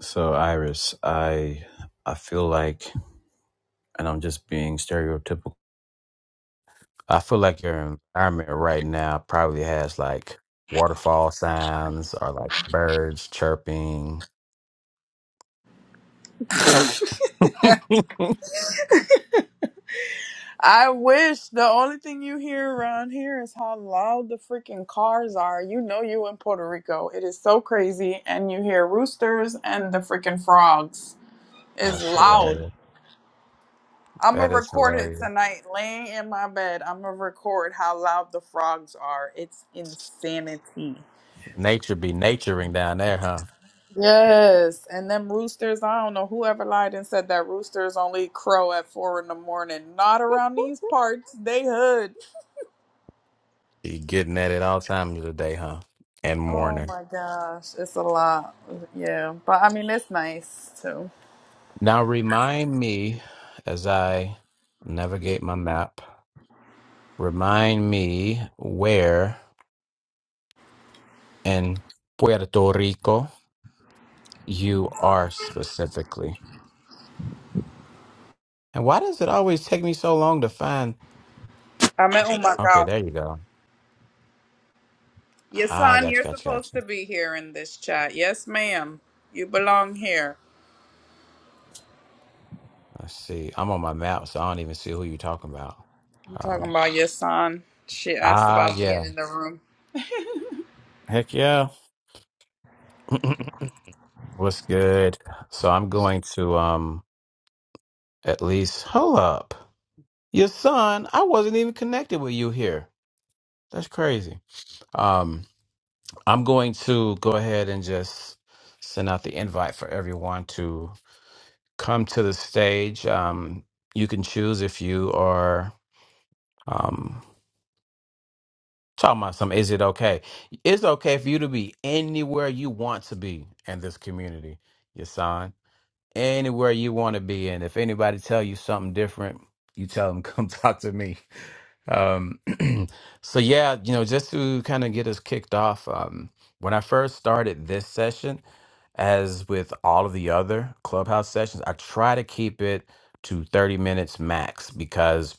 So Iris, I I feel like, and I'm just being stereotypical. I feel like your environment right now probably has like waterfall sounds or like birds chirping. I wish the only thing you hear around here is how loud the freaking cars are. You know you in Puerto Rico. It is so crazy and you hear roosters and the freaking frogs. It's That's loud. hilarious. I'm That gonna is record it hilarious. tonight laying in my bed. I'm gonna record how loud the frogs are. It's insanity. Nature be naturing down there, huh? Yes, and them roosters, I don't know whoever lied and said that roosters only crow at four in the morning. Not around these parts. They hood. You getting at it all times of the day, huh? And Oh morning. my gosh, it's a lot. Yeah, but I mean, it's nice too. Now remind me as I navigate my map, remind me where in Puerto Rico you are specifically. And why does it always take me so long to find? I mean, oh my Okay, God. there you go. Your I son, got you're you, got you, supposed got you. to be here in this chat. Yes, ma'am. You belong here. Let's see. I'm on my map, so I don't even see who you're talking about. I'm talking Um, about your son. She asked ah, about yeah. being in the room. Heck yeah. What's good? So I'm going to um at least hold up. Your son, I wasn't even connected with you here. That's crazy. Um, I'm going to go ahead and just send out the invite for everyone to come to the stage. Um, you can choose if you are um, talking about some. Is it okay? It's okay for you to be anywhere you want to be in this community, your son. Anywhere you want to be, and if anybody tell you something different, you tell them come talk to me. Um, so yeah, you know, just to kind of get us kicked off, um, when I first started this session, as with all of the other clubhouse sessions, I try to keep it to 30 minutes max because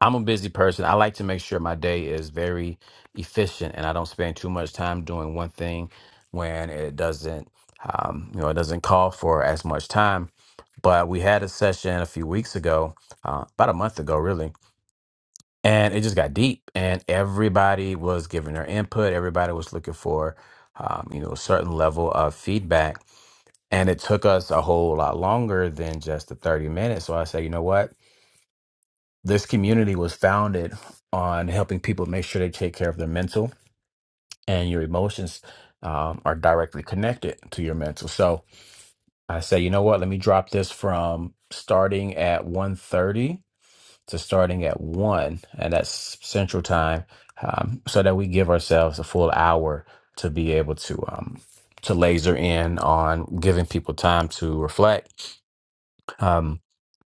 I'm a busy person. I like to make sure my day is very efficient and I don't spend too much time doing one thing when it doesn't, um, you know, it doesn't call for as much time. But we had a session a few weeks ago, uh, about a month ago, really, and it just got deep and everybody was giving their input everybody was looking for um, you know a certain level of feedback and it took us a whole lot longer than just the 30 minutes so i said you know what this community was founded on helping people make sure they take care of their mental and your emotions um, are directly connected to your mental so i said you know what let me drop this from starting at one thirty to starting at one, and that's Central Time, um, so that we give ourselves a full hour to be able to um, to laser in on giving people time to reflect. Um,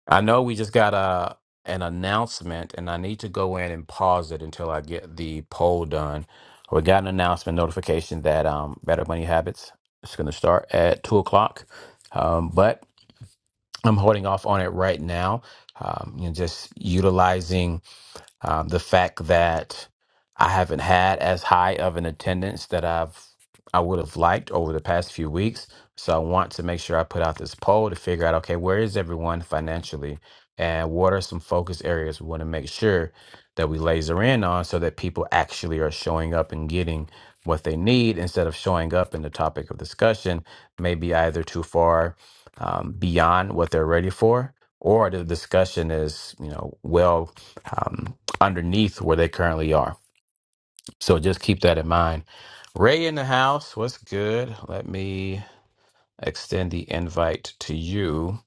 I know we just got a an announcement, and I need to go in and pause it until I get the poll done. We got an announcement notification that um, Better Money Habits is going to start at two o'clock, um, but I'm holding off on it right now. Um, you know, just utilizing um, the fact that I haven't had as high of an attendance that I've I would have liked over the past few weeks. So I want to make sure I put out this poll to figure out okay, where is everyone financially and what are some focus areas we want to make sure that we laser in on so that people actually are showing up and getting what they need instead of showing up and the topic of discussion maybe either too far um, beyond what they're ready for or the discussion is you know well um, underneath where they currently are. So just keep that in mind. Ray in the house, what's good? Let me extend the invite to you.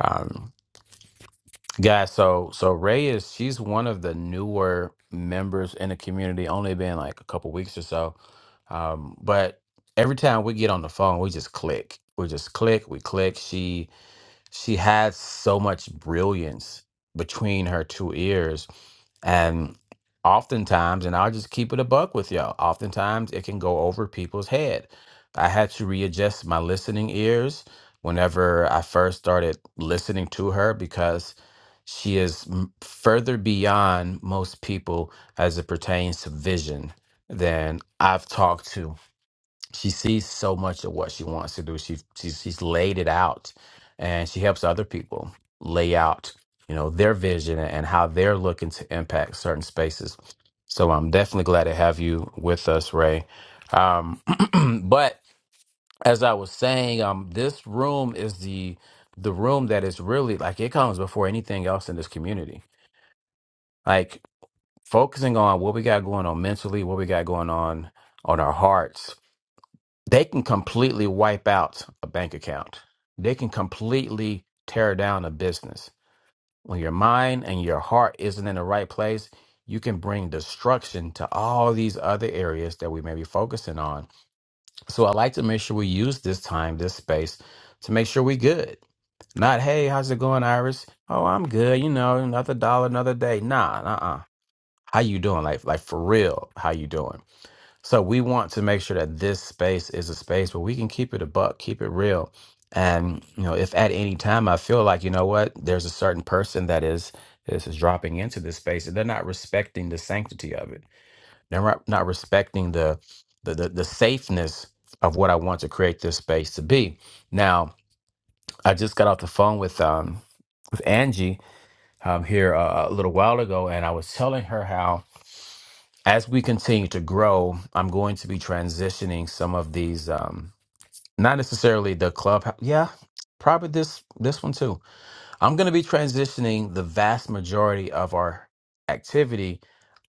Um, guys, so so Ray is she's one of the newer members in the community, only been like a couple weeks or so. Um, but every time we get on the phone, we just click. We just click, we click. She. she had so much brilliance between her two ears. And oftentimes, and I'll just keep it a buck with y'all, oftentimes it can go over people's head. I had to readjust my listening ears whenever I first started listening to her because she is m- further beyond most people as it pertains to vision than I've talked to she sees so much of what she wants to do. She, she's she's laid it out, and she helps other people lay out, you know, their vision and how they're looking to impact certain spaces. So I'm definitely glad to have you with us, Ray. Um, but as I was saying, um, this room is the the room that is really like it comes before anything else in this community. Like focusing on what we got going on mentally, what we got going on on our hearts, they can completely wipe out a bank account. They can completely tear down a business. When your mind and your heart isn't in the right place, you can bring destruction to all these other areas that we may be focusing on. So I like to make sure we use this time, this space, to make sure we good. Not, hey, how's it going, Iris? Oh, I'm good. You know, another dollar, another day. Nah, uh, uh How you doing? Like, like for real, how you doing? So we want to make sure that this space is a space where we can keep it a buck, keep it real. And you know, if at any time I feel like, you know what, there's a certain person that is this is dropping into this space and they're not respecting the sanctity of it. They're not, not respecting the, the the the safeness of what I want to create this space to be. Now, I just got off the phone with um with Angie um here uh, a little while ago and I was telling her how as we continue to grow, I'm going to be transitioning some of these, um, not necessarily the club. Yeah, probably this this one too. I'm going to be transitioning the vast majority of our activity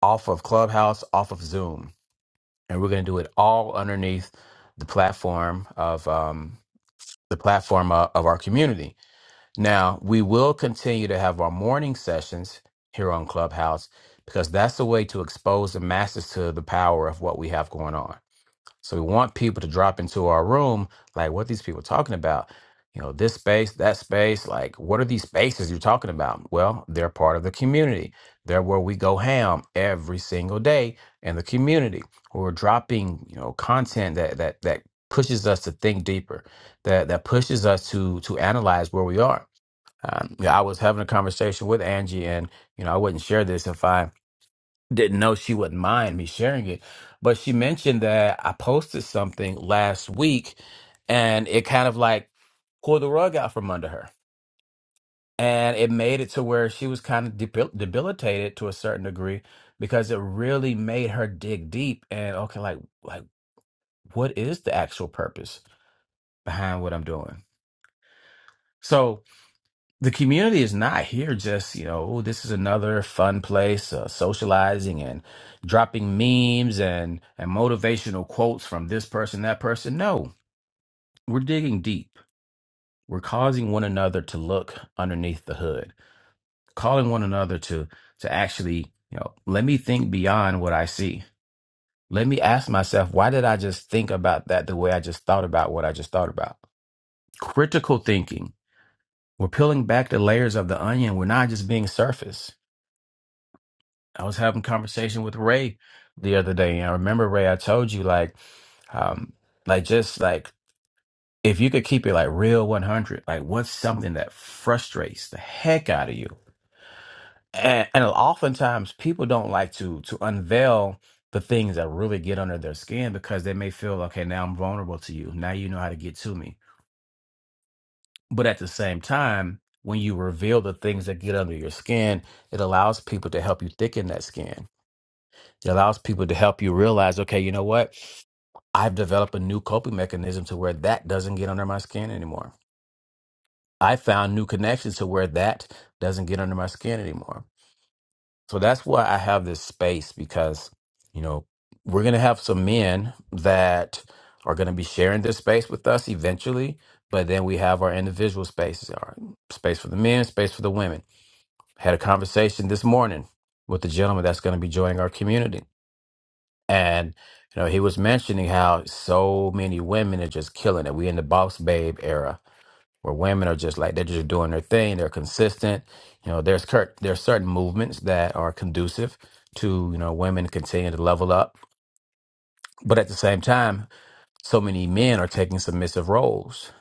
off of Clubhouse, off of Zoom, and we're going to do it all underneath the platform of um, the platform of, of our community. Now, we will continue to have our morning sessions here on Clubhouse because that's a way to expose the masses to the power of what we have going on. So we want people to drop into our room, like what these people talking about. You know, this space, that space, like what are these spaces you're talking about? Well, they're part of the community. They're where we go ham every single day in the community. We're dropping, you know, content that that that pushes us to think deeper, that that pushes us to to analyze where we are um, yeah, I was having a conversation with Angie, and you know, I wouldn't share this if I didn't know she wouldn't mind me sharing it. But she mentioned that I posted something last week, and it kind of like pulled the rug out from under her, and it made it to where she was kind of debil debilitated to a certain degree because it really made her dig deep and okay, like like what is the actual purpose behind what I'm doing? So the community is not here just you know "Oh, this is another fun place uh, socializing and dropping memes and and motivational quotes from this person that person no we're digging deep we're causing one another to look underneath the hood calling one another to to actually you know let me think beyond what i see let me ask myself why did i just think about that the way i just thought about what i just thought about critical thinking we're peeling back the layers of the onion we're not just being surface I was having conversation with Ray the other day, and I remember Ray, I told you like, um, like just like if you could keep it like real one hundred, like what's something that frustrates the heck out of you? And, and oftentimes people don't like to to unveil the things that really get under their skin because they may feel okay, now I'm vulnerable to you. Now you know how to get to me. But at the same time, when you reveal the things that get under your skin, it allows people to help you thicken that skin It allows people to help you realize, okay, you know what? I've developed a new coping mechanism to where that doesn't get under my skin anymore. I found new connections to where that doesn't get under my skin anymore. So that's why I have this space because, you know, we're going to have some men that are going to be sharing this space with us eventually, but then we have our individual spaces, our space for the men, space for the women. Had a conversation this morning with the gentleman that's going to be joining our community And you know, he was mentioning how so many women are just killing it. We in the boss babe era where women are just like they're just doing their thing. They're consistent. You know, there's cert- there's certain movements that are conducive to you know women continuing to level up, but at the same time, so many men are taking submissive roles.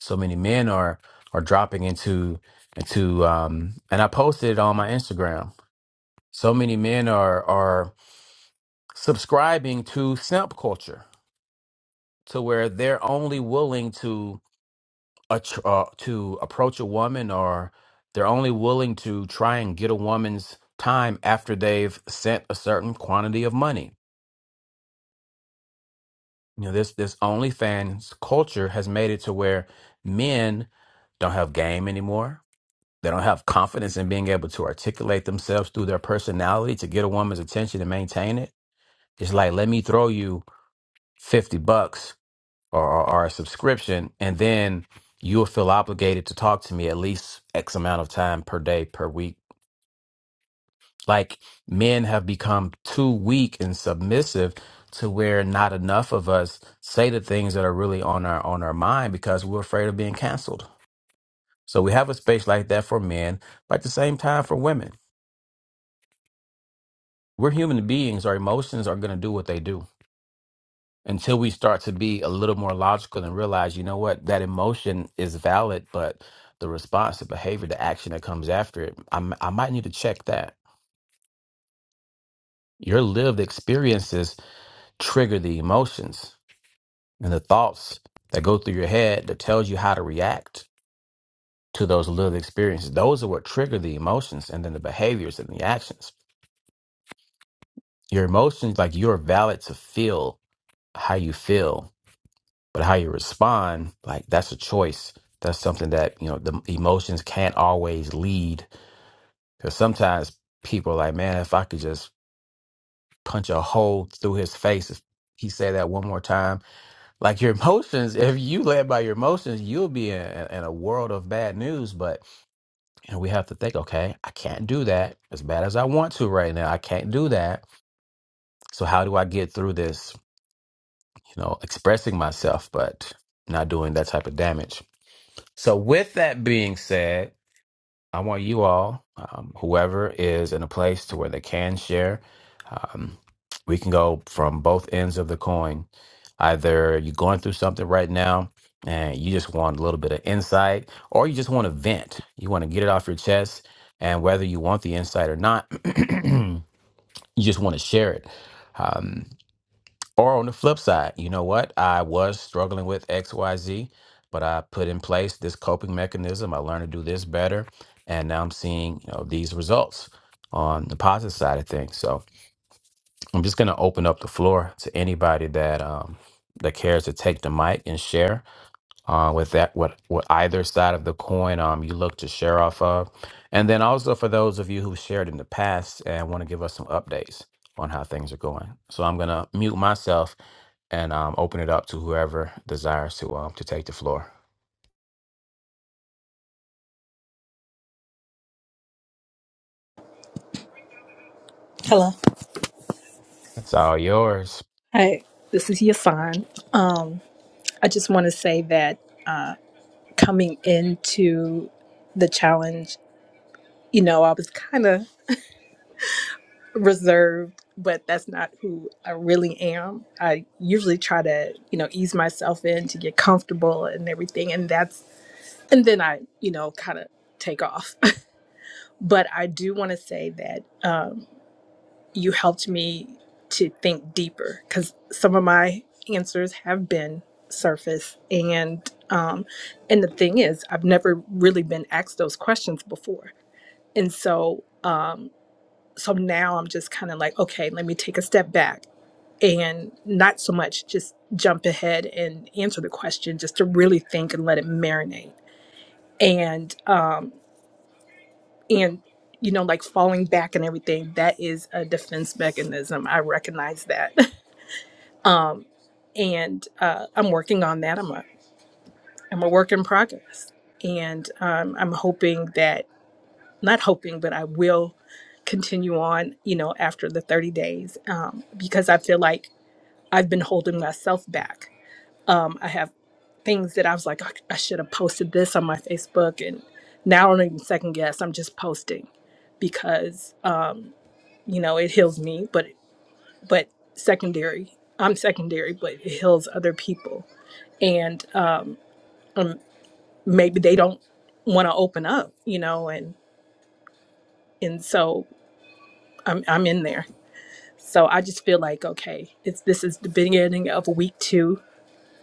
So many men are are dropping into into um and I posted it on my Instagram. So many men are are subscribing to simp culture to where they're only willing to attr- uh, to approach a woman or they're only willing to try and get a woman's time after they've sent a certain quantity of money. You know, this this OnlyFans culture has made it to where men don't have game anymore. They don't have confidence in being able to articulate themselves through their personality to get a woman's attention and maintain it. It's like, let me throw you 50 bucks or, or, or a subscription, and then you'll feel obligated to talk to me at least X amount of time per day, per week. Like men have become too weak and submissive to where not enough of us say the things that are really on our on our mind because we're afraid of being canceled. So we have a space like that for men, but at the same time for women. We're human beings, our emotions are gonna do what they do. until we start to be a little more logical and realize, you know what, that emotion is valid, but the response, the behavior, the action that comes after it, I'm, I might need to check that. Your lived experiences trigger the emotions and the thoughts that go through your head that tells you how to react to those lived experiences. Those are what trigger the emotions and then the behaviors and the actions. Your emotions, like you're valid to feel how you feel but how you respond like that's a choice that's something that you know the emotions can't always lead because sometimes people are like man if i could just punch a hole through his face if he said that one more time like your emotions if you led by your emotions you'll be in, in a world of bad news but you know we have to think okay i can't do that as bad as i want to right now i can't do that so how do i get through this you know expressing myself but not doing that type of damage So, with that being said, I want you all, um, whoever is in a place to where they can share, um, we can go from both ends of the coin. Either you're going through something right now and you just want a little bit of insight, or you just want to vent. You want to get it off your chest. And whether you want the insight or not, you just want to share it. Um, or on the flip side, you know what? I was struggling with XYZ, but I put in place this coping mechanism. I learned to do this better. And now I'm seeing, you know, these results on the positive side of things. So I'm just gonna open up the floor to anybody that um that cares to take the mic and share uh, with that what what either side of the coin um, you look to share off of and then also for those of you who shared in the past and want to give us some updates on how things are going so i'm going to mute myself and um, open it up to whoever desires to um, to take the floor Hello. it's all yours Hi, this is Yasan. Um, I just want to say that uh, coming into the challenge, you know, I was kind of reserved, but that's not who I really am. I usually try to, you know, ease myself in to get comfortable and everything. And that's, and then I, you know, kind of take off. but I do want to say that. Um, you helped me to think deeper because some of my answers have been surface and um and the thing is i've never really been asked those questions before and so um so now i'm just kind of like okay let me take a step back and not so much just jump ahead and answer the question just to really think and let it marinate and um and you know like falling back and everything that is a defense mechanism i recognize that um, and uh, I'm working on that. I'm a I'm a work in progress, and um, I'm hoping that not hoping, but I will continue on. You know, after the 30 days, um, because I feel like I've been holding myself back. Um, I have things that I was like, I, I should have posted this on my Facebook, and now I don't even second guess. I'm just posting because um, you know it heals me, but but secondary. I'm secondary, but it heals other people and uh, maybe they don't want to open up, you know, and and so I'm I'm in there. So I just feel like okay, it's this is the beginning of week two,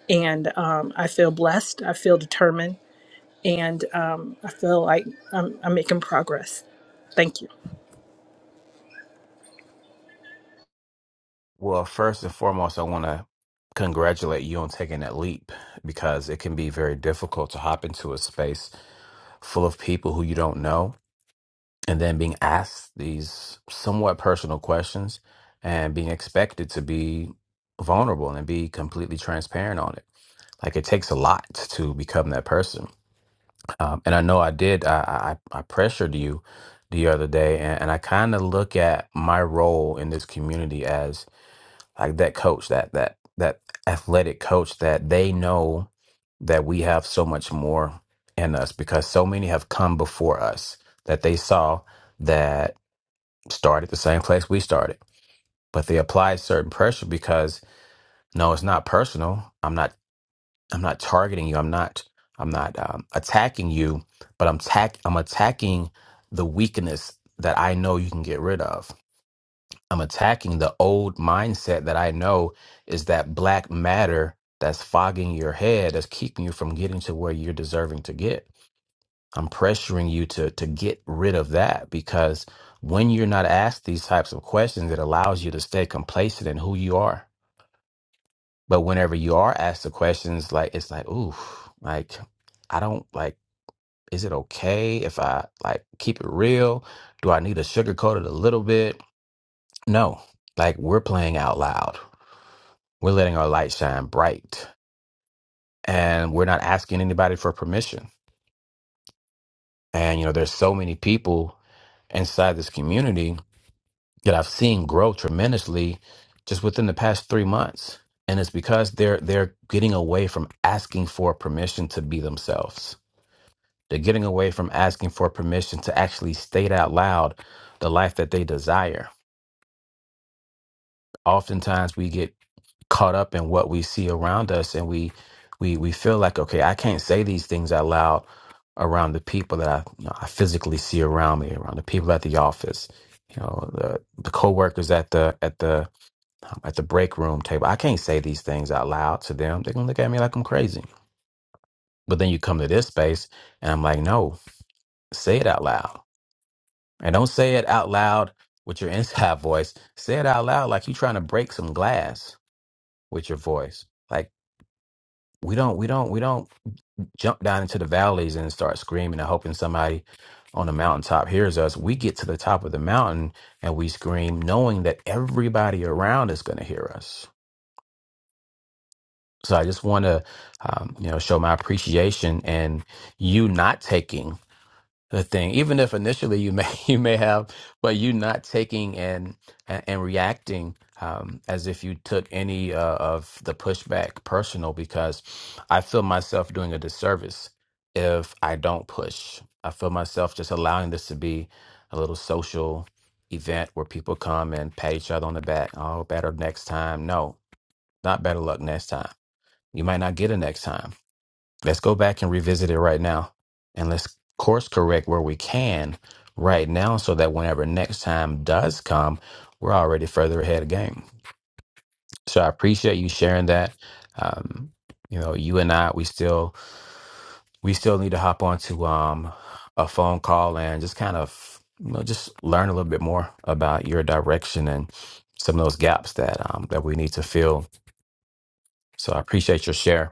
and um, I feel blessed. I feel determined, and um, I feel like I'm I'm making progress. Thank you. well first and foremost i want to congratulate you on taking that leap because it can be very difficult to hop into a space full of people who you don't know and then being asked these somewhat personal questions and being expected to be vulnerable and be completely transparent on it. Like it takes a lot to become that person. Um, and I know I did. I, I, I pressured you the other day, and, and I kind of look at my role in this community as like that coach, that that that athletic coach that they know that we have so much more in us because so many have come before us that they saw that started the same place we started but they applied certain pressure because no it's not personal i'm not i'm not targeting you i'm not i'm not um, attacking you but i'm tack i'm attacking the weakness that i know you can get rid of i'm attacking the old mindset that i know is that black matter that's fogging your head that's keeping you from getting to where you're deserving to get I'm pressuring you to to get rid of that because when you're not asked these types of questions, it allows you to stay complacent in who you are. But whenever you are asked the questions, like it's like, ooh, like I don't like. Is it okay if I like keep it real? Do I need to sugarcoat it a little bit? No. Like we're playing out loud. We're letting our light shine bright, and we're not asking anybody for permission. And you know, there's so many people inside this community that I've seen grow tremendously just within the past three months. And it's because they're they're getting away from asking for permission to be themselves. They're getting away from asking for permission to actually state out loud the life that they desire. Oftentimes we get caught up in what we see around us and we we we feel like, okay, I can't say these things out loud around the people that I, you know, I physically see around me, around the people at the office, you know, the, the coworkers at the at the um, at the break room table. I can't say these things out loud to them. They're going to look at me like I'm crazy. But then you come to this space and I'm like, no, say it out loud. And don't say it out loud with your inside voice. Say it out loud like you're trying to break some glass with your voice. Like we don't, we don't, we don't jump down into the valleys and start screaming and hoping somebody on the mountaintop hears us. We get to the top of the mountain and we scream knowing that everybody around is going to hear us So I just want to, um, you know, show my appreciation and you not taking the thing, even if initially you may you may have, but you not taking and and, and reacting um, as if you took any uh, of the pushback personal, because I feel myself doing a disservice if I don't push. I feel myself just allowing this to be a little social event where people come and pat each other on the back. Oh, better next time. No, not better luck next time you might not get it next time. Let's go back and revisit it right now and let's course correct where we can right now so that whenever next time does come, we're already further ahead of game. So I appreciate you sharing that. Um, you know, you and I, we still we still need to hop onto um a phone call and just kind of you know just learn a little bit more about your direction and some of those gaps that um that we need to fill. So I appreciate your share.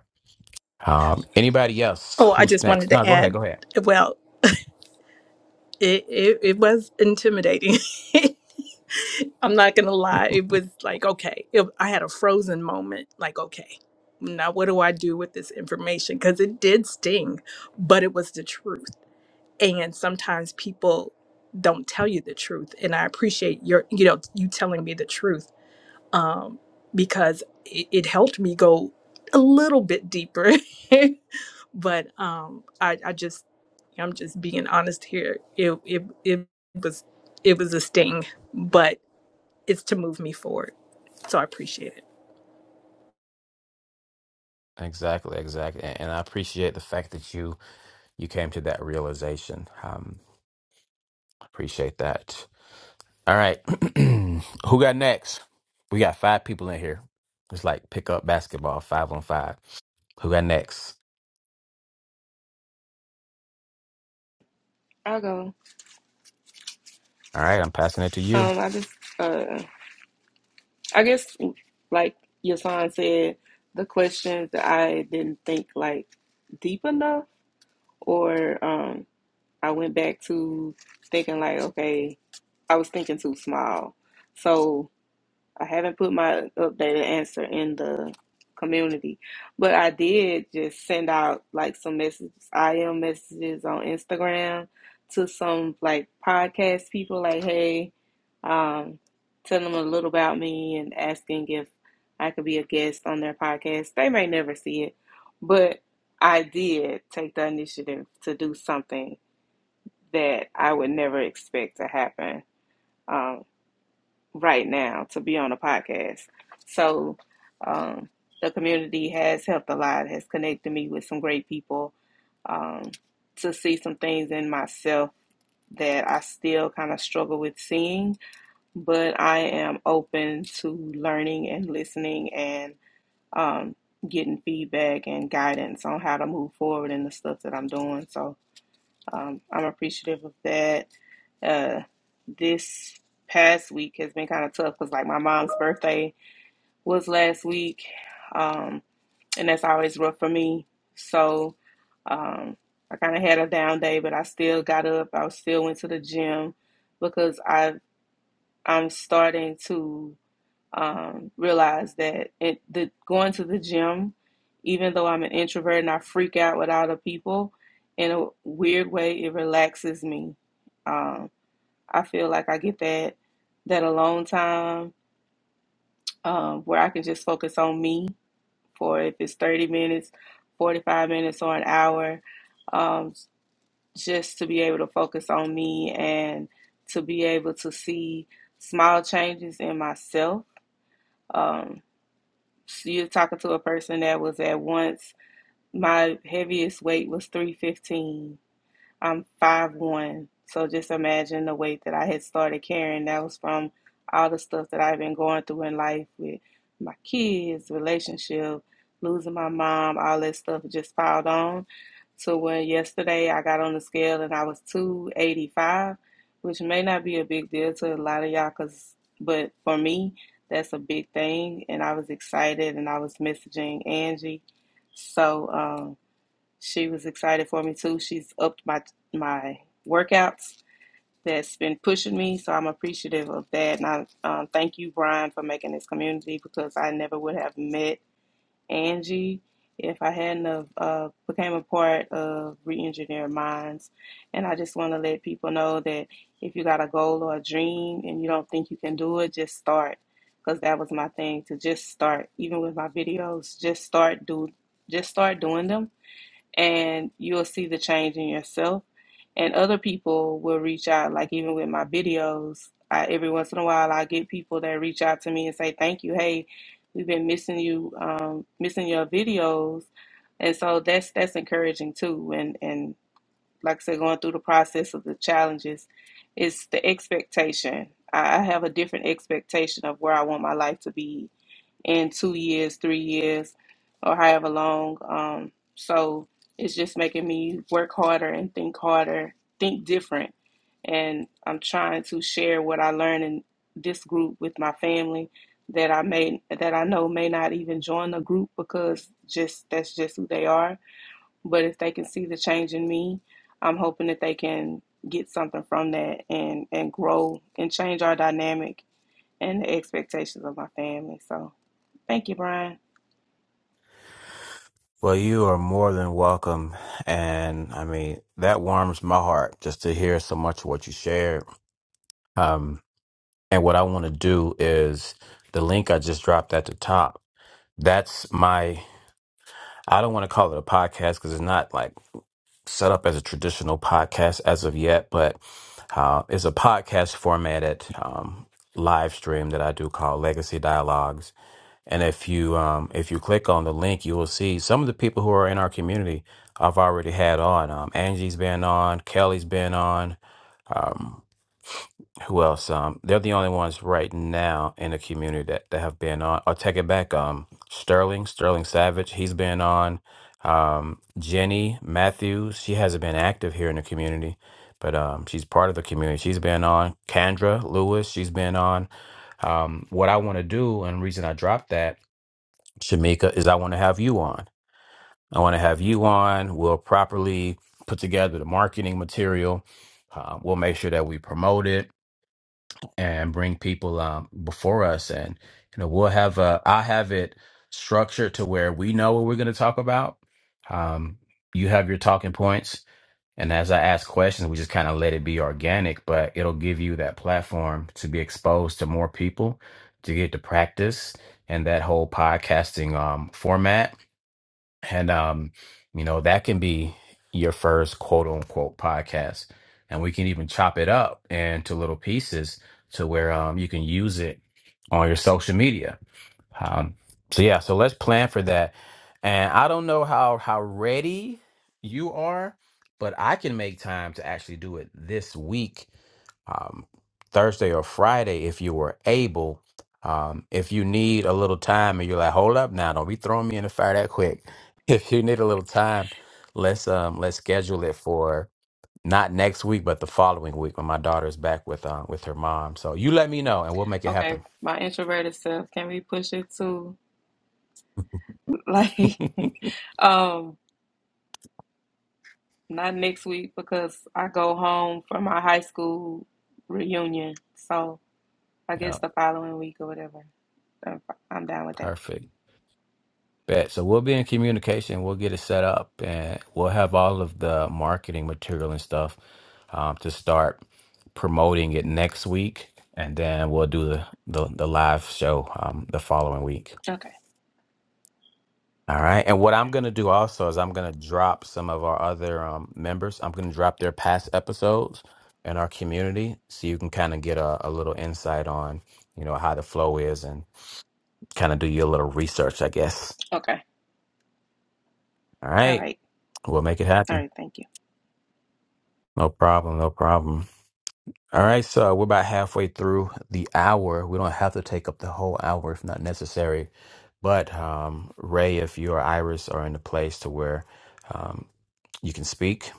Um, anybody else? Oh, I Who's just wanted next? to No, go ahead. add. Go ahead. Well, it it, it was intimidating. I'm not gonna lie. It was like, okay, it, I had a frozen moment. Like, okay, now what do I do with this information? Because it did sting, but it was the truth. And sometimes people don't tell you the truth, and I appreciate your, you know, you telling me the truth, um, because it, it helped me go a little bit deeper. but um, I, I just, I'm just being honest here. It, it, it was, it was a sting, but is to move me forward. So I appreciate it. Exactly, exactly. And, and I appreciate the fact that you you came to that realization. Um, appreciate that. All right, who got next? We got five people in here. It's like pick up basketball, five on five. Who got next? I'll go. All right, I'm passing it to you. Um, I just, uh, I guess, like Yasan said, the questions that I didn't think like deep enough, or um, I went back to thinking like, okay, I was thinking too small. So I haven't put my updated answer in the community, but I did just send out like some messages, IM messages on Instagram to some like podcast people, like, hey, um, tell them a little about me and asking if I could be a guest on their podcast. They may never see it, but I did take the initiative to do something that I would never expect to happen. Um, right now to be on a podcast. So um, the community has helped a lot, has connected me with some great people um, to see some things in myself that I still kind of struggle with seeing, but I am open to learning and listening and um, getting feedback and guidance on how to move forward in the stuff that I'm doing. So um, I'm appreciative of that. Uh, this past week has been kind of tough because, like, my mom's birthday was last week, um, and that's always rough for me. So um, I kind of had a down day, but I still got up. I still went to the gym because I I'm starting to um, realized that it that going to the gym, even though I'm an introvert and I freak out with other people, in a weird way, it relaxes me. Um, I feel like I get that that alone time um, where I can just focus on me for if it's 30 minutes, 45 minutes, or an hour, um, just to be able to focus on me and to be able to see small changes in myself Um, You're talking to a person that was at once, my heaviest weight was 315. I'm five one. So just imagine the weight that I had started carrying. That was from all the stuff that I've been going through in life with my kids, relationship, losing my mom, all that stuff just piled on. So when yesterday I got on the scale and I was two eighty five, which may not be a big deal to a lot of y'all, cause but for me that's a big thing. And I was excited and I was messaging Angie. So. um, she was excited for me too. She's upped my my workouts that's been pushing me, so I'm appreciative of that. And I um, thank you, Brian, for making this community because I never would have met Angie if I hadn't have uh, became a part of Reengineer Minds. And I just want to let people know that if you got a goal or a dream and you don't think you can do it, just start. Because that was my thing to just start, even with my videos, just start do, just start doing them and you'll see the change in yourself. And other people will reach out, like even with my videos, I, every once in a while I get people that reach out to me and say, "Thank you, hey, we've been missing you, um, missing your videos," and so that's that's encouraging too. And and like I said, going through the process of the challenges, it's the expectation. I I have a different expectation of where I want my life to be in two years, three years, or however long. Um, so it's just making me work harder and think harder, think different. And I'm trying to share what I learned in this group with my family that I may that I know may not even join the group because just that's just who they are. But if they can see the change in me, I'm hoping that they can get something from that and and grow and change our dynamic and the expectations of my family. So Thank you, Brian. Well, you are more than welcome, and I mean that warms my heart just to hear so much of what you shared. Um, And what I want to do is the link I just dropped at the top. That's my, I don't want to call it a podcast because it's not like set up as a traditional podcast as of yet, but uh, it's a podcast formatted um, live stream that I do call Legacy Dialogues. And if you um, if you click on the link, you will see some of the people who are in our community. I've already had on. Um, Angie's been on. Kelly's been on. who else? Um, they're the only ones right now in the community that, that have been on. I'll take it back. Um, Sterling, Sterling Savage, he's been on. Um, Jenny Matthews, she hasn't been active here in the community, but um, she's part of the community. She's been on. Kendra Lewis, she's been on. Um, what I want to do, and the reason I dropped that, Shamika, is I want to have you on. I want to have you on. We'll properly put together the marketing material. Uh, we'll make sure that we promote it and bring people um, before us and you know we'll have uh i have it structured to where we know what we're going to talk about um you have your talking points and as i ask questions we just kind of let it be organic but it'll give you that platform to be exposed to more people to get to practice and that whole podcasting um format and um, you know, that can be your first quote unquote podcast. And we can even chop it up into little pieces to where um you can use it on your social media. Um so yeah, so let's plan for that. And I don't know how how ready you are, but I can make time to actually do it this week um, Thursday or Friday if you were able. Um, if you need a little time and you're like, hold up now, don't be throwing me in the fire that quick. If you need a little time, let's um let's schedule it for not next week, but the following week when my daughter's back with uh, with her mom. So you let me know and we'll make it Okay, happen. my introverted self, can we push it to like um not next week because I go home for my high school reunion. So I Yeah, guess the following week or whatever. I'm I'm down with that. perfect. Bet. So we'll be in communication. We'll get it set up and we'll have all of the marketing material and stuff um, to start promoting it next week. And then we'll do the, the, the live show um, the following week. Okay. All right. And what I'm going to do also is I'm going to drop some of our other um, members. I'm going to drop their past episodes in our community so you can kind of get a, a little insight on, you know, how the flow is and kind of do your little research, I guess. Okay. All All right. right. We'll make it All happen. right. Thank you. No problem. No problem. All right. So we're about halfway through the hour. We don't have to take up the whole hour if not necessary. But um, Ray, if you or Iris are in a place to where um, you can speak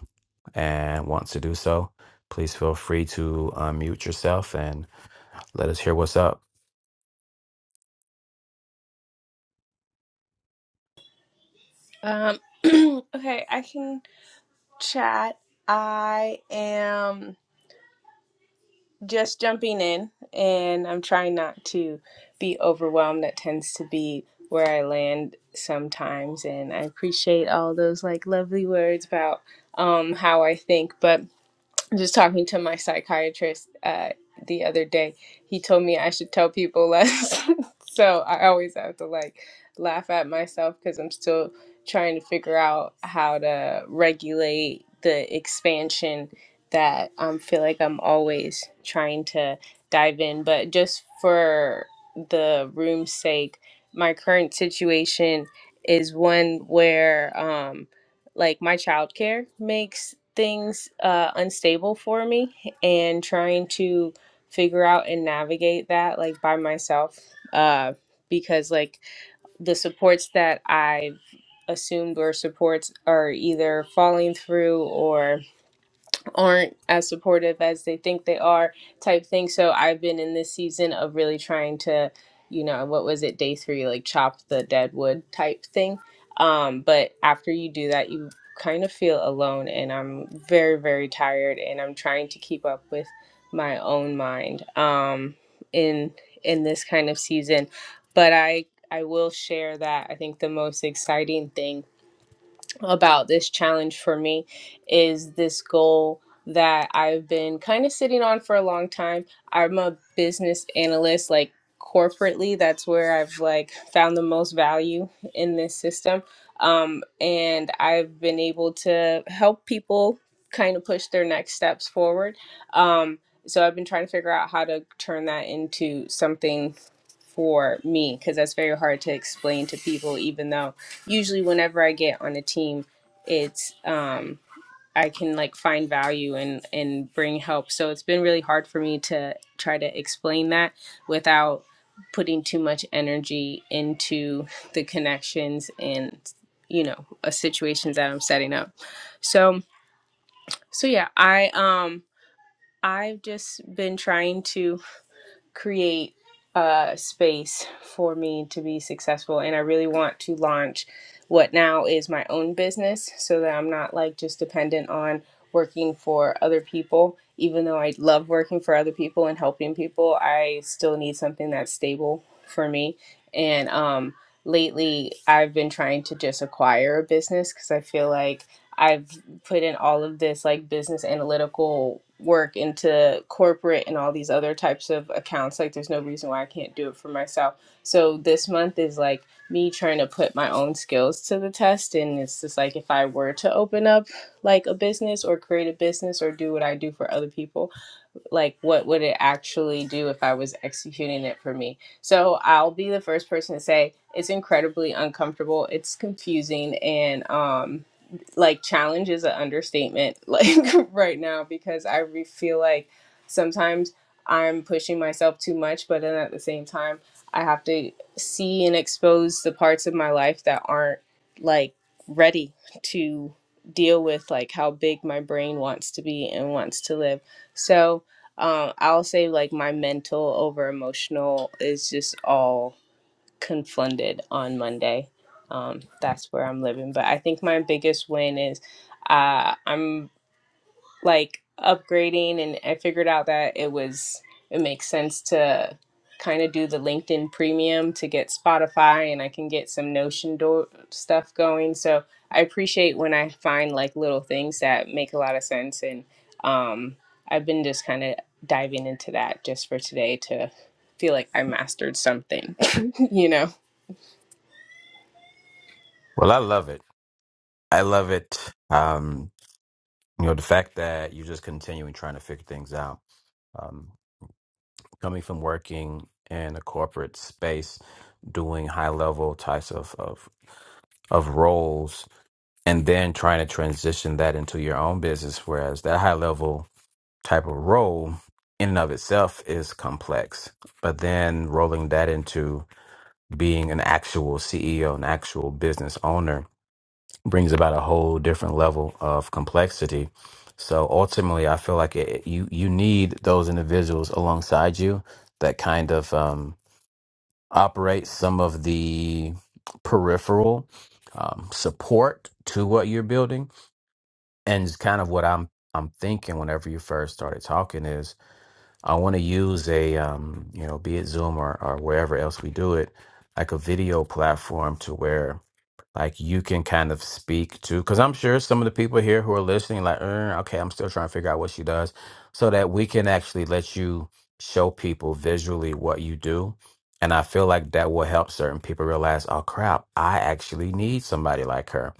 and want to do so, please feel free to unmute yourself and let us hear what's up. Um, okay, I can chat. I am just jumping in and I'm trying not to be overwhelmed. That tends to be where I land sometimes. And I appreciate all those like lovely words about um, how I think. But just talking to my psychiatrist uh, the other day, he told me I should tell people less. so I always have to like laugh at myself because I'm still trying to figure out how to regulate the expansion that I um, feel like I'm always trying to dive in. But just for the room's sake, my current situation is one where. Um, like my childcare makes things uh, unstable for me and trying to figure out and navigate that like by myself uh, because like the supports that i've assumed were supports are either falling through or aren't as supportive as they think they are type thing so i've been in this season of really trying to you know what was it day three like chop the dead wood type thing um but after you do that you kind of feel alone and i'm very very tired and i'm trying to keep up with my own mind um in in this kind of season but i i will share that i think the most exciting thing about this challenge for me is this goal that I've been kind of sitting on for a long time. I'm a business analyst, like corporately, that's where I've like found the most value in this system. Um, and I've been able to help people kind of push their next steps forward. Um, so I've been trying to figure out how to turn that into something for me because that's very hard to explain to people even though usually whenever i get on a team it's um i can like find value and and bring help so it's been really hard for me to try to explain that without putting too much energy into the connections and you know uh, situations that i'm setting up so so yeah i um i've just been trying to create a space for me to be successful and I really want to launch what now is my own business so that I'm not like just dependent on working for other people even though I love working for other people and helping people I still need something that's stable for me and um lately I've been trying to just acquire a business cuz I feel like I've put in all of this like business analytical work into corporate and all these other types of accounts like there's no reason why I can't do it for myself. So this month is like me trying to put my own skills to the test and it's just like if I were to open up like a business or create a business or do what I do for other people, like what would it actually do if I was executing it for me? So I'll be the first person to say it's incredibly uncomfortable, it's confusing and um like challenge is an understatement like right now because i re- feel like sometimes i'm pushing myself too much but then at the same time i have to see and expose the parts of my life that aren't like ready to deal with like how big my brain wants to be and wants to live so um, i'll say like my mental over emotional is just all confunded on Monday. Um, that's where I'm living. But I think my biggest win is uh, I'm like upgrading, and I figured out that it was it makes sense to kind of do the LinkedIn Premium to get Spotify, and I can get some Notion do- stuff going. So I appreciate when I find like little things that make a lot of sense, and um, I've been just kind of diving into that just for today to feel like I mastered something, you know. Well, I love it. I love it. Um, you know, the fact that you're just continuing trying to figure things out. coming from working in a corporate space, doing high level types of, of of roles and then trying to transition that into your own business. Whereas that high level type of role in and of itself is complex. But then rolling that into being an actual CEO, an actual business owner brings about a whole different level of complexity. So ultimately, I feel like it, you you need those individuals alongside you that kind of um, operate some of the peripheral um, support to what you're building, and it's kind of what I'm I'm thinking whenever you first started talking is I want to use a um, you know be it Zoom or, or wherever else we do it like a video platform to where like you can kind of speak to because i'm sure some of the people here who are listening like "Uh, okay i'm still trying to figure out what she does so that we can actually let you show people visually what you do and i feel like that will help certain people realize oh crap i actually need somebody like her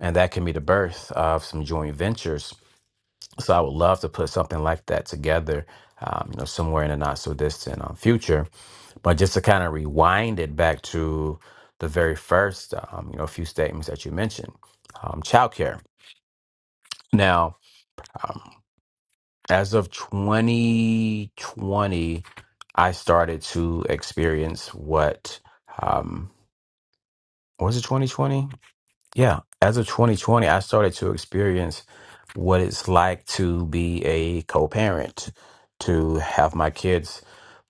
and that can be the birth of some joint ventures so i would love to put something like that together um, you know somewhere in the not so distant um, future but just to kind of rewind it back to the very first, um, you know, few statements that you mentioned, um, childcare. Now, um, as of 2020, I started to experience what um, was it 2020? Yeah, as of 2020, I started to experience what it's like to be a co-parent, to have my kids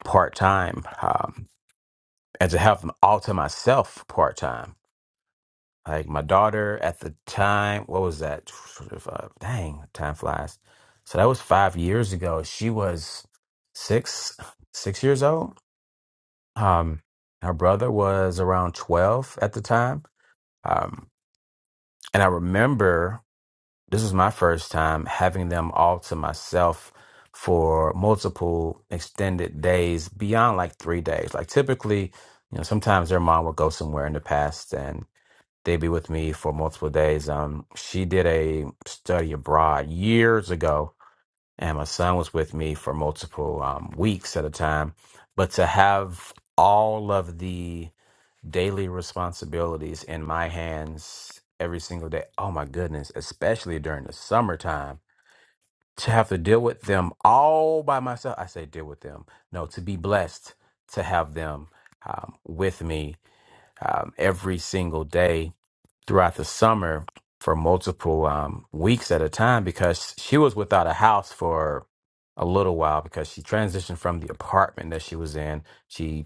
part time, um, and to have them all to myself part time Like my daughter at the time, what was that? Dang, time flies. So that was five years ago. She was six, six years old. Um, her brother was around 12 at the time. Um, and I remember this was my first time having them all to myself for multiple extended days beyond like three days. Like typically, you know, sometimes their mom would go somewhere in the past and They'd be with me for multiple days. Um, she did a study abroad years ago, and my son was with me for multiple um, weeks at a time. But to have all of the daily responsibilities in my hands every single day, oh my goodness, especially during the summertime, to have to deal with them all by myself. I say deal with them. No, to be blessed to have them um, with me um, every single day throughout the summer for multiple um, weeks at a time because she was without a house for a little while because she transitioned from the apartment that she was in. She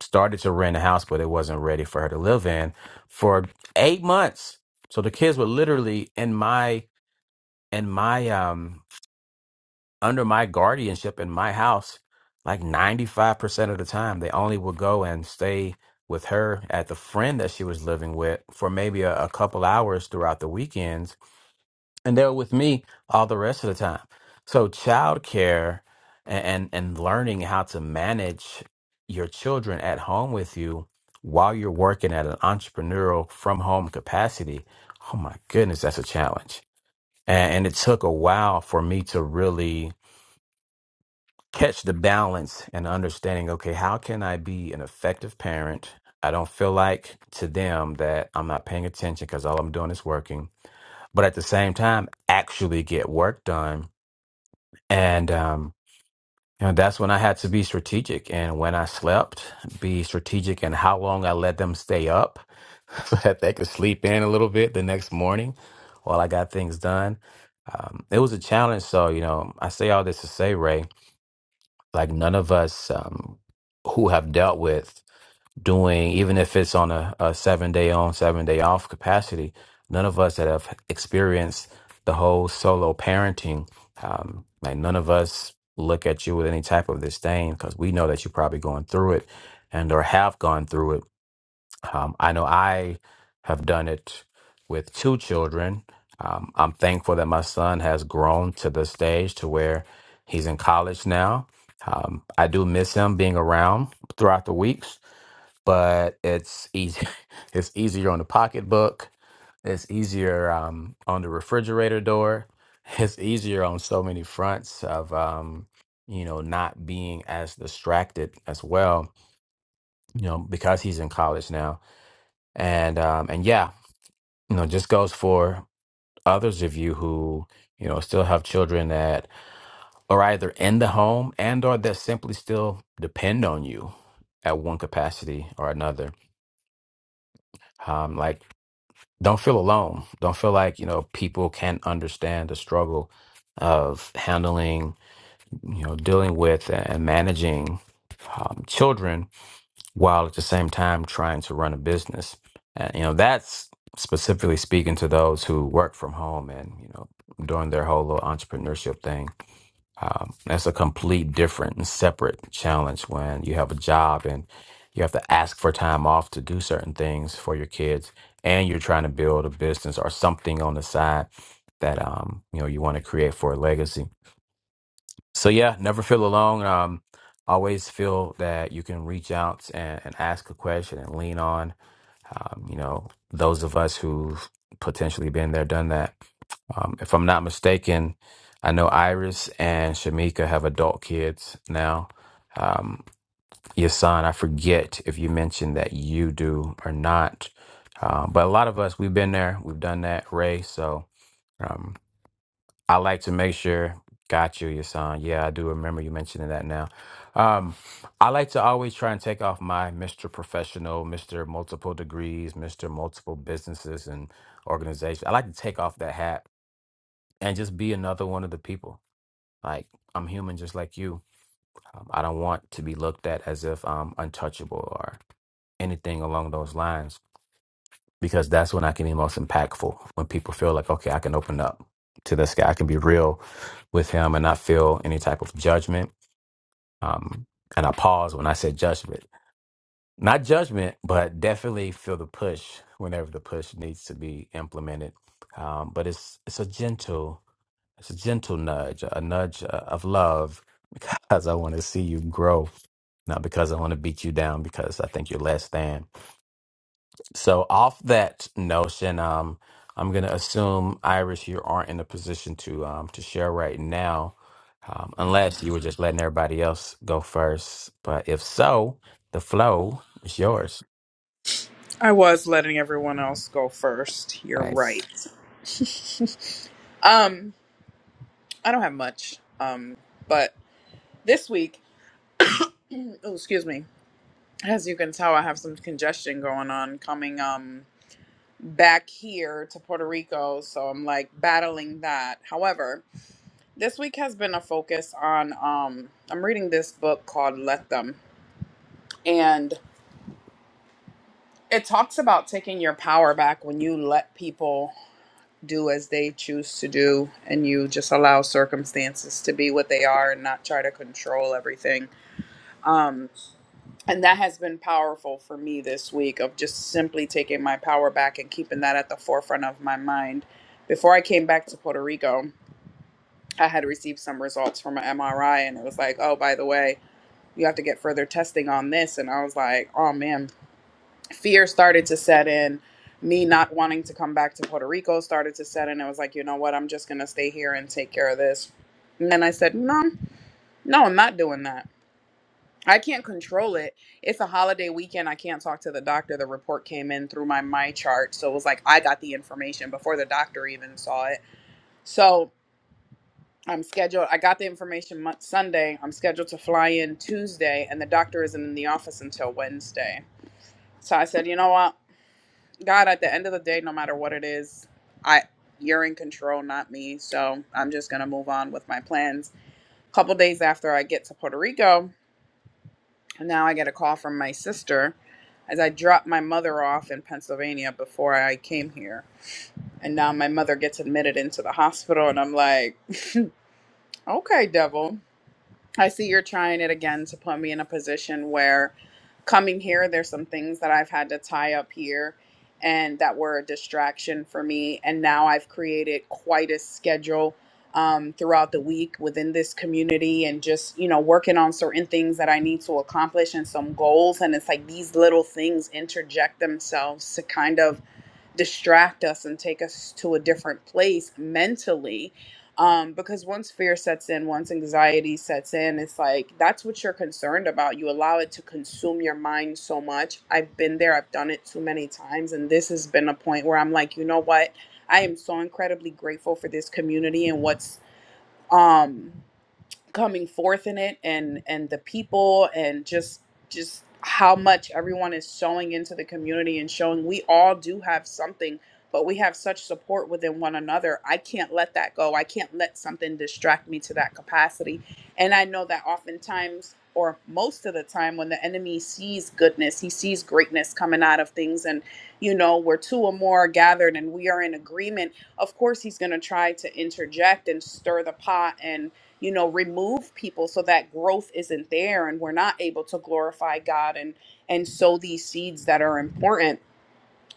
started to rent a house, but it wasn't ready for her to live in for eight months. So the kids were literally in my in my um under my guardianship in my house, like 95% of the time, they only would go and stay with her at the friend that she was living with for maybe a, a couple hours throughout the weekends. And they were with me all the rest of the time. So, childcare and, and, and learning how to manage your children at home with you while you're working at an entrepreneurial from home capacity, oh my goodness, that's a challenge. And, and it took a while for me to really catch the balance and understanding okay how can i be an effective parent i don't feel like to them that i'm not paying attention because all i'm doing is working but at the same time actually get work done and um you know, that's when i had to be strategic and when i slept be strategic in how long i let them stay up so that they could sleep in a little bit the next morning while i got things done um, it was a challenge so you know i say all this to say ray like none of us um, who have dealt with doing even if it's on a, a seven day on seven day off capacity none of us that have experienced the whole solo parenting um, like none of us look at you with any type of disdain because we know that you're probably going through it and or have gone through it um, I know I have done it with two children. Um, I'm thankful that my son has grown to the stage to where he's in college now. Um, I do miss him being around throughout the weeks, but it's easy. It's easier on the pocketbook. It's easier um, on the refrigerator door. It's easier on so many fronts of um, you know not being as distracted as well. You know because he's in college now and um and yeah you know just goes for others of you who you know still have children that are either in the home and or that simply still depend on you at one capacity or another um like don't feel alone don't feel like you know people can't understand the struggle of handling you know dealing with and managing um, children while at the same time trying to run a business. And, you know, that's specifically speaking to those who work from home and, you know, doing their whole little entrepreneurship thing. Um, that's a complete different and separate challenge when you have a job and you have to ask for time off to do certain things for your kids and you're trying to build a business or something on the side that um, you know you want to create for a legacy so yeah, never feel alone. Um, always feel that you can reach out and, and ask a question and lean on. Um, you know, those of us who've potentially been there, done that. Um, if I'm not mistaken, I know Iris and Shamika have adult kids now. Um, your son, I forget if you mentioned that you do or not. Um, but a lot of us, we've been there, we've done that, Ray. So Um, I like to make sure. Got you, your son. Yeah, I do remember you mentioning that now. Um, I like to always try and take off my Mr. Professional, Mr. Multiple Degrees, Mr. Multiple Businesses and Organizations. I like to take off that hat and just be another one of the people. Like, I'm human just like you. Um, I don't want to be looked at as if I'm untouchable or anything along those lines because that's when I can be most impactful. When people feel like, okay, I can open up to this guy, I can be real with him and not feel any type of judgment. Um, and I pause when I said judgment, not judgment, but definitely feel the push whenever the push needs to be implemented. Um, but it's it's a gentle, it's a gentle nudge, a nudge uh, of love, because I want to see you grow, not because I want to beat you down because I think you're less than. So off that notion, um, I'm gonna assume Iris, you aren't in a position to um to share right now, um, unless you were just letting everybody else go first. But if so, the flow is yours. I was letting everyone else go first. You're Nice. right. um, I don't have much. Um, but this week, oh, excuse me. As you can tell, I have some congestion going on coming. Um, back here to Puerto Rico, so I'm like battling that. However, this week has been a focus on um I'm reading this book called Let Them and it talks about taking your power back when you let people do as they choose to do and you just allow circumstances to be what they are and not try to control everything. Um and that has been powerful for me this week of just simply taking my power back and keeping that at the forefront of my mind. Before I came back to Puerto Rico, I had received some results from an MRI, and it was like, oh, by the way, you have to get further testing on this. And I was like, oh man, fear started to set in. Me not wanting to come back to Puerto Rico started to set in. It was like, you know what? I'm just going to stay here and take care of this. And then I said, no, no, I'm not doing that. I can't control it. It's a holiday weekend. I can't talk to the doctor. The report came in through my my chart. So it was like I got the information before the doctor even saw it. So I'm scheduled. I got the information mon- Sunday. I'm scheduled to fly in Tuesday, and the doctor isn't in the office until Wednesday. So I said, you know what, God, at the end of the day, no matter what it is, I you're in control, not me. So I'm just gonna move on with my plans. A couple days after I get to Puerto Rico, and now I get a call from my sister as I dropped my mother off in Pennsylvania before I came here. And now my mother gets admitted into the hospital, and I'm like, okay, devil. I see you're trying it again to put me in a position where coming here, there's some things that I've had to tie up here and that were a distraction for me. And now I've created quite a schedule um, throughout the week within this community and just, you know, working on certain things that I need to accomplish and some goals. And it's like these little things interject themselves to kind of distract us and take us to a different place mentally. Um, because once fear sets in, once anxiety sets in, it's like that's what you're concerned about. You allow it to consume your mind so much. I've been there, I've done it too many times. And this has been a point where I'm like, you know what? I am so incredibly grateful for this community and what's um coming forth in it and and the people and just just how much everyone is showing into the community and showing we all do have something but we have such support within one another i can't let that go i can't let something distract me to that capacity and i know that oftentimes or most of the time when the enemy sees goodness he sees greatness coming out of things and you know where two or more are gathered and we are in agreement of course he's going to try to interject and stir the pot and you know remove people so that growth isn't there and we're not able to glorify god and and sow these seeds that are important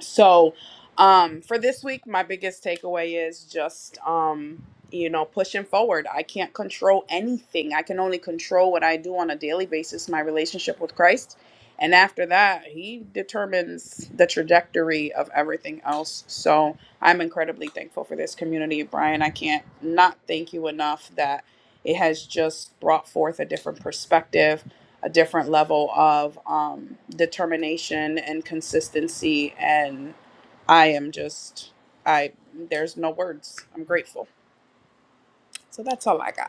so um for this week my biggest takeaway is just um you know pushing forward i can't control anything i can only control what i do on a daily basis my relationship with christ and after that he determines the trajectory of everything else so i'm incredibly thankful for this community brian i can't not thank you enough that it has just brought forth a different perspective a different level of um, determination and consistency. And I am just, I, there's no words. I'm grateful. So that's all I got.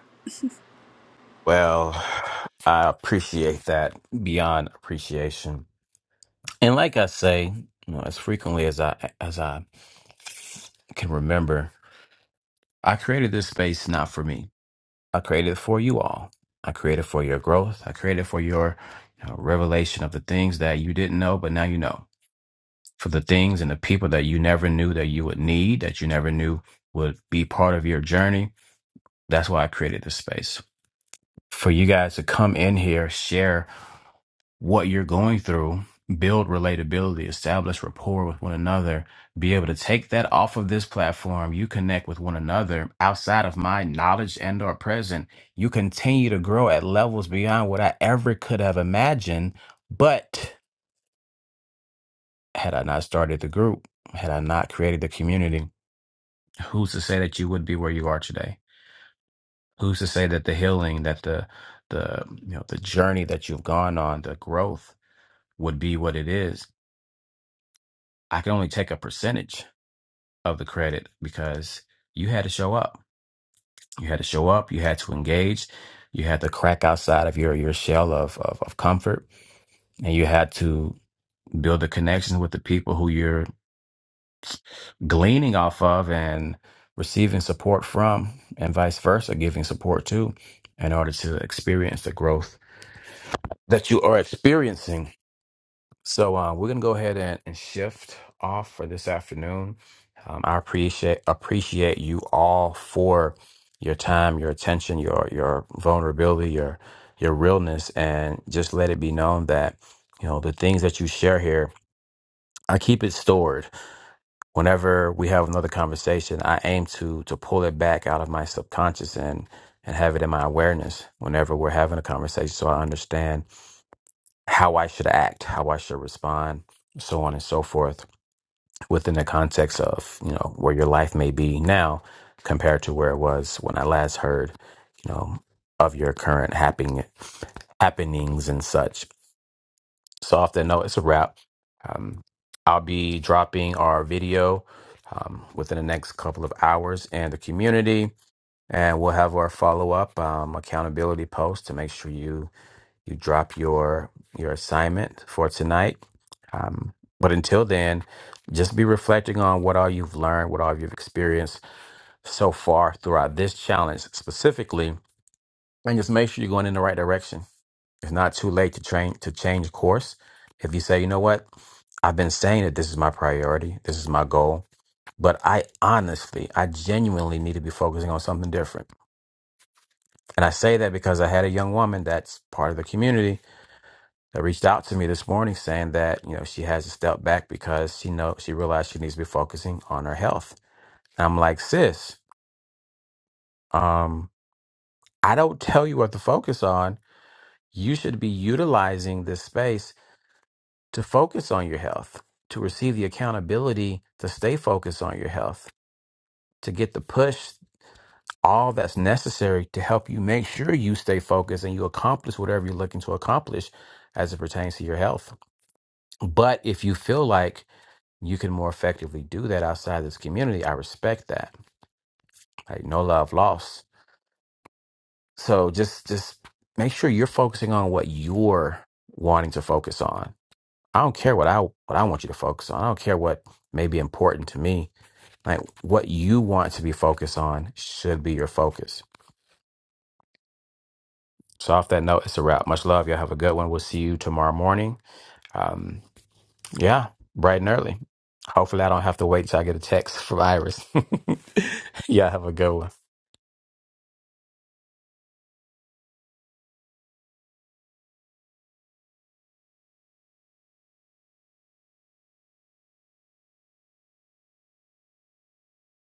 Well, I appreciate that beyond appreciation, and like I say, you know, as frequently as I as I can remember, I created this space not for me. I created it for you all. I created for your growth. I created for your you know, revelation of the things that you didn't know, but now you know. For the things and the people that you never knew that you would need, that you never knew would be part of your journey. That's why I created this space. For you guys to come in here, share what you're going through, build relatability, establish rapport with one another, be able to take that off of this platform. You connect with one another outside of my knowledge and or present. You continue to grow at levels beyond what I ever could have imagined. But had I not started the group, had I not created the community, who's to say that you would be where you are today? Who's to say that the healing, that the the you know the journey that you've gone on, the growth would be what it is? I could only take a percentage of the credit because you had to show up. You had to show up. You had to engage. You had to crack outside of your, your shell of, of, of comfort. And you had to build a connection with the people who you're gleaning off of and receiving support from, and vice versa, giving support to, in order to experience the growth that you are experiencing So uh, we're gonna go ahead and, and shift off for this afternoon. Um, I appreciate appreciate you all for your time, your attention, your your vulnerability, your your realness, and just let it be known that you know the things that you share here. I keep it stored. Whenever we have another conversation, I aim to to pull it back out of my subconscious and and have it in my awareness. Whenever we're having a conversation, so I understand how I should act, how I should respond, so on and so forth, within the context of, you know, where your life may be now compared to where it was when I last heard, you know, of your current happening, happenings and such. So off that note, it's a wrap. Um, I'll be dropping our video um, within the next couple of hours and the community, and we'll have our follow up um, accountability post to make sure you you drop your your assignment for tonight. Um, but until then, just be reflecting on what all you've learned, what all you've experienced so far throughout this challenge specifically, and just make sure you're going in the right direction. It's not too late to train to change course. If you say, you know what, I've been saying that this is my priority, this is my goal, but I honestly, I genuinely need to be focusing on something different. And I say that because I had a young woman that's part of the community that reached out to me this morning saying that you know she has to step back because she know she realized she needs to be focusing on her health. And I'm like, sis, um, I don't tell you what to focus on. You should be utilizing this space to focus on your health, to receive the accountability, to stay focused on your health, to get the push, all that's necessary to help you make sure you stay focused and you accomplish whatever you're looking to accomplish as it pertains to your health. But if you feel like you can more effectively do that outside this community. I respect that. Like no love lost. So just just make sure you're focusing on what you're wanting to focus on. I don't care what I what I want you to focus on. I don't care what may be important to me. Like what you want to be focused on should be your focus. So off that note, it's a wrap. Much love. Y'all have a good one. We'll see you tomorrow morning. Um, yeah, bright and early. Hopefully I don't have to wait till I get a text from Iris. Y'all have a good one.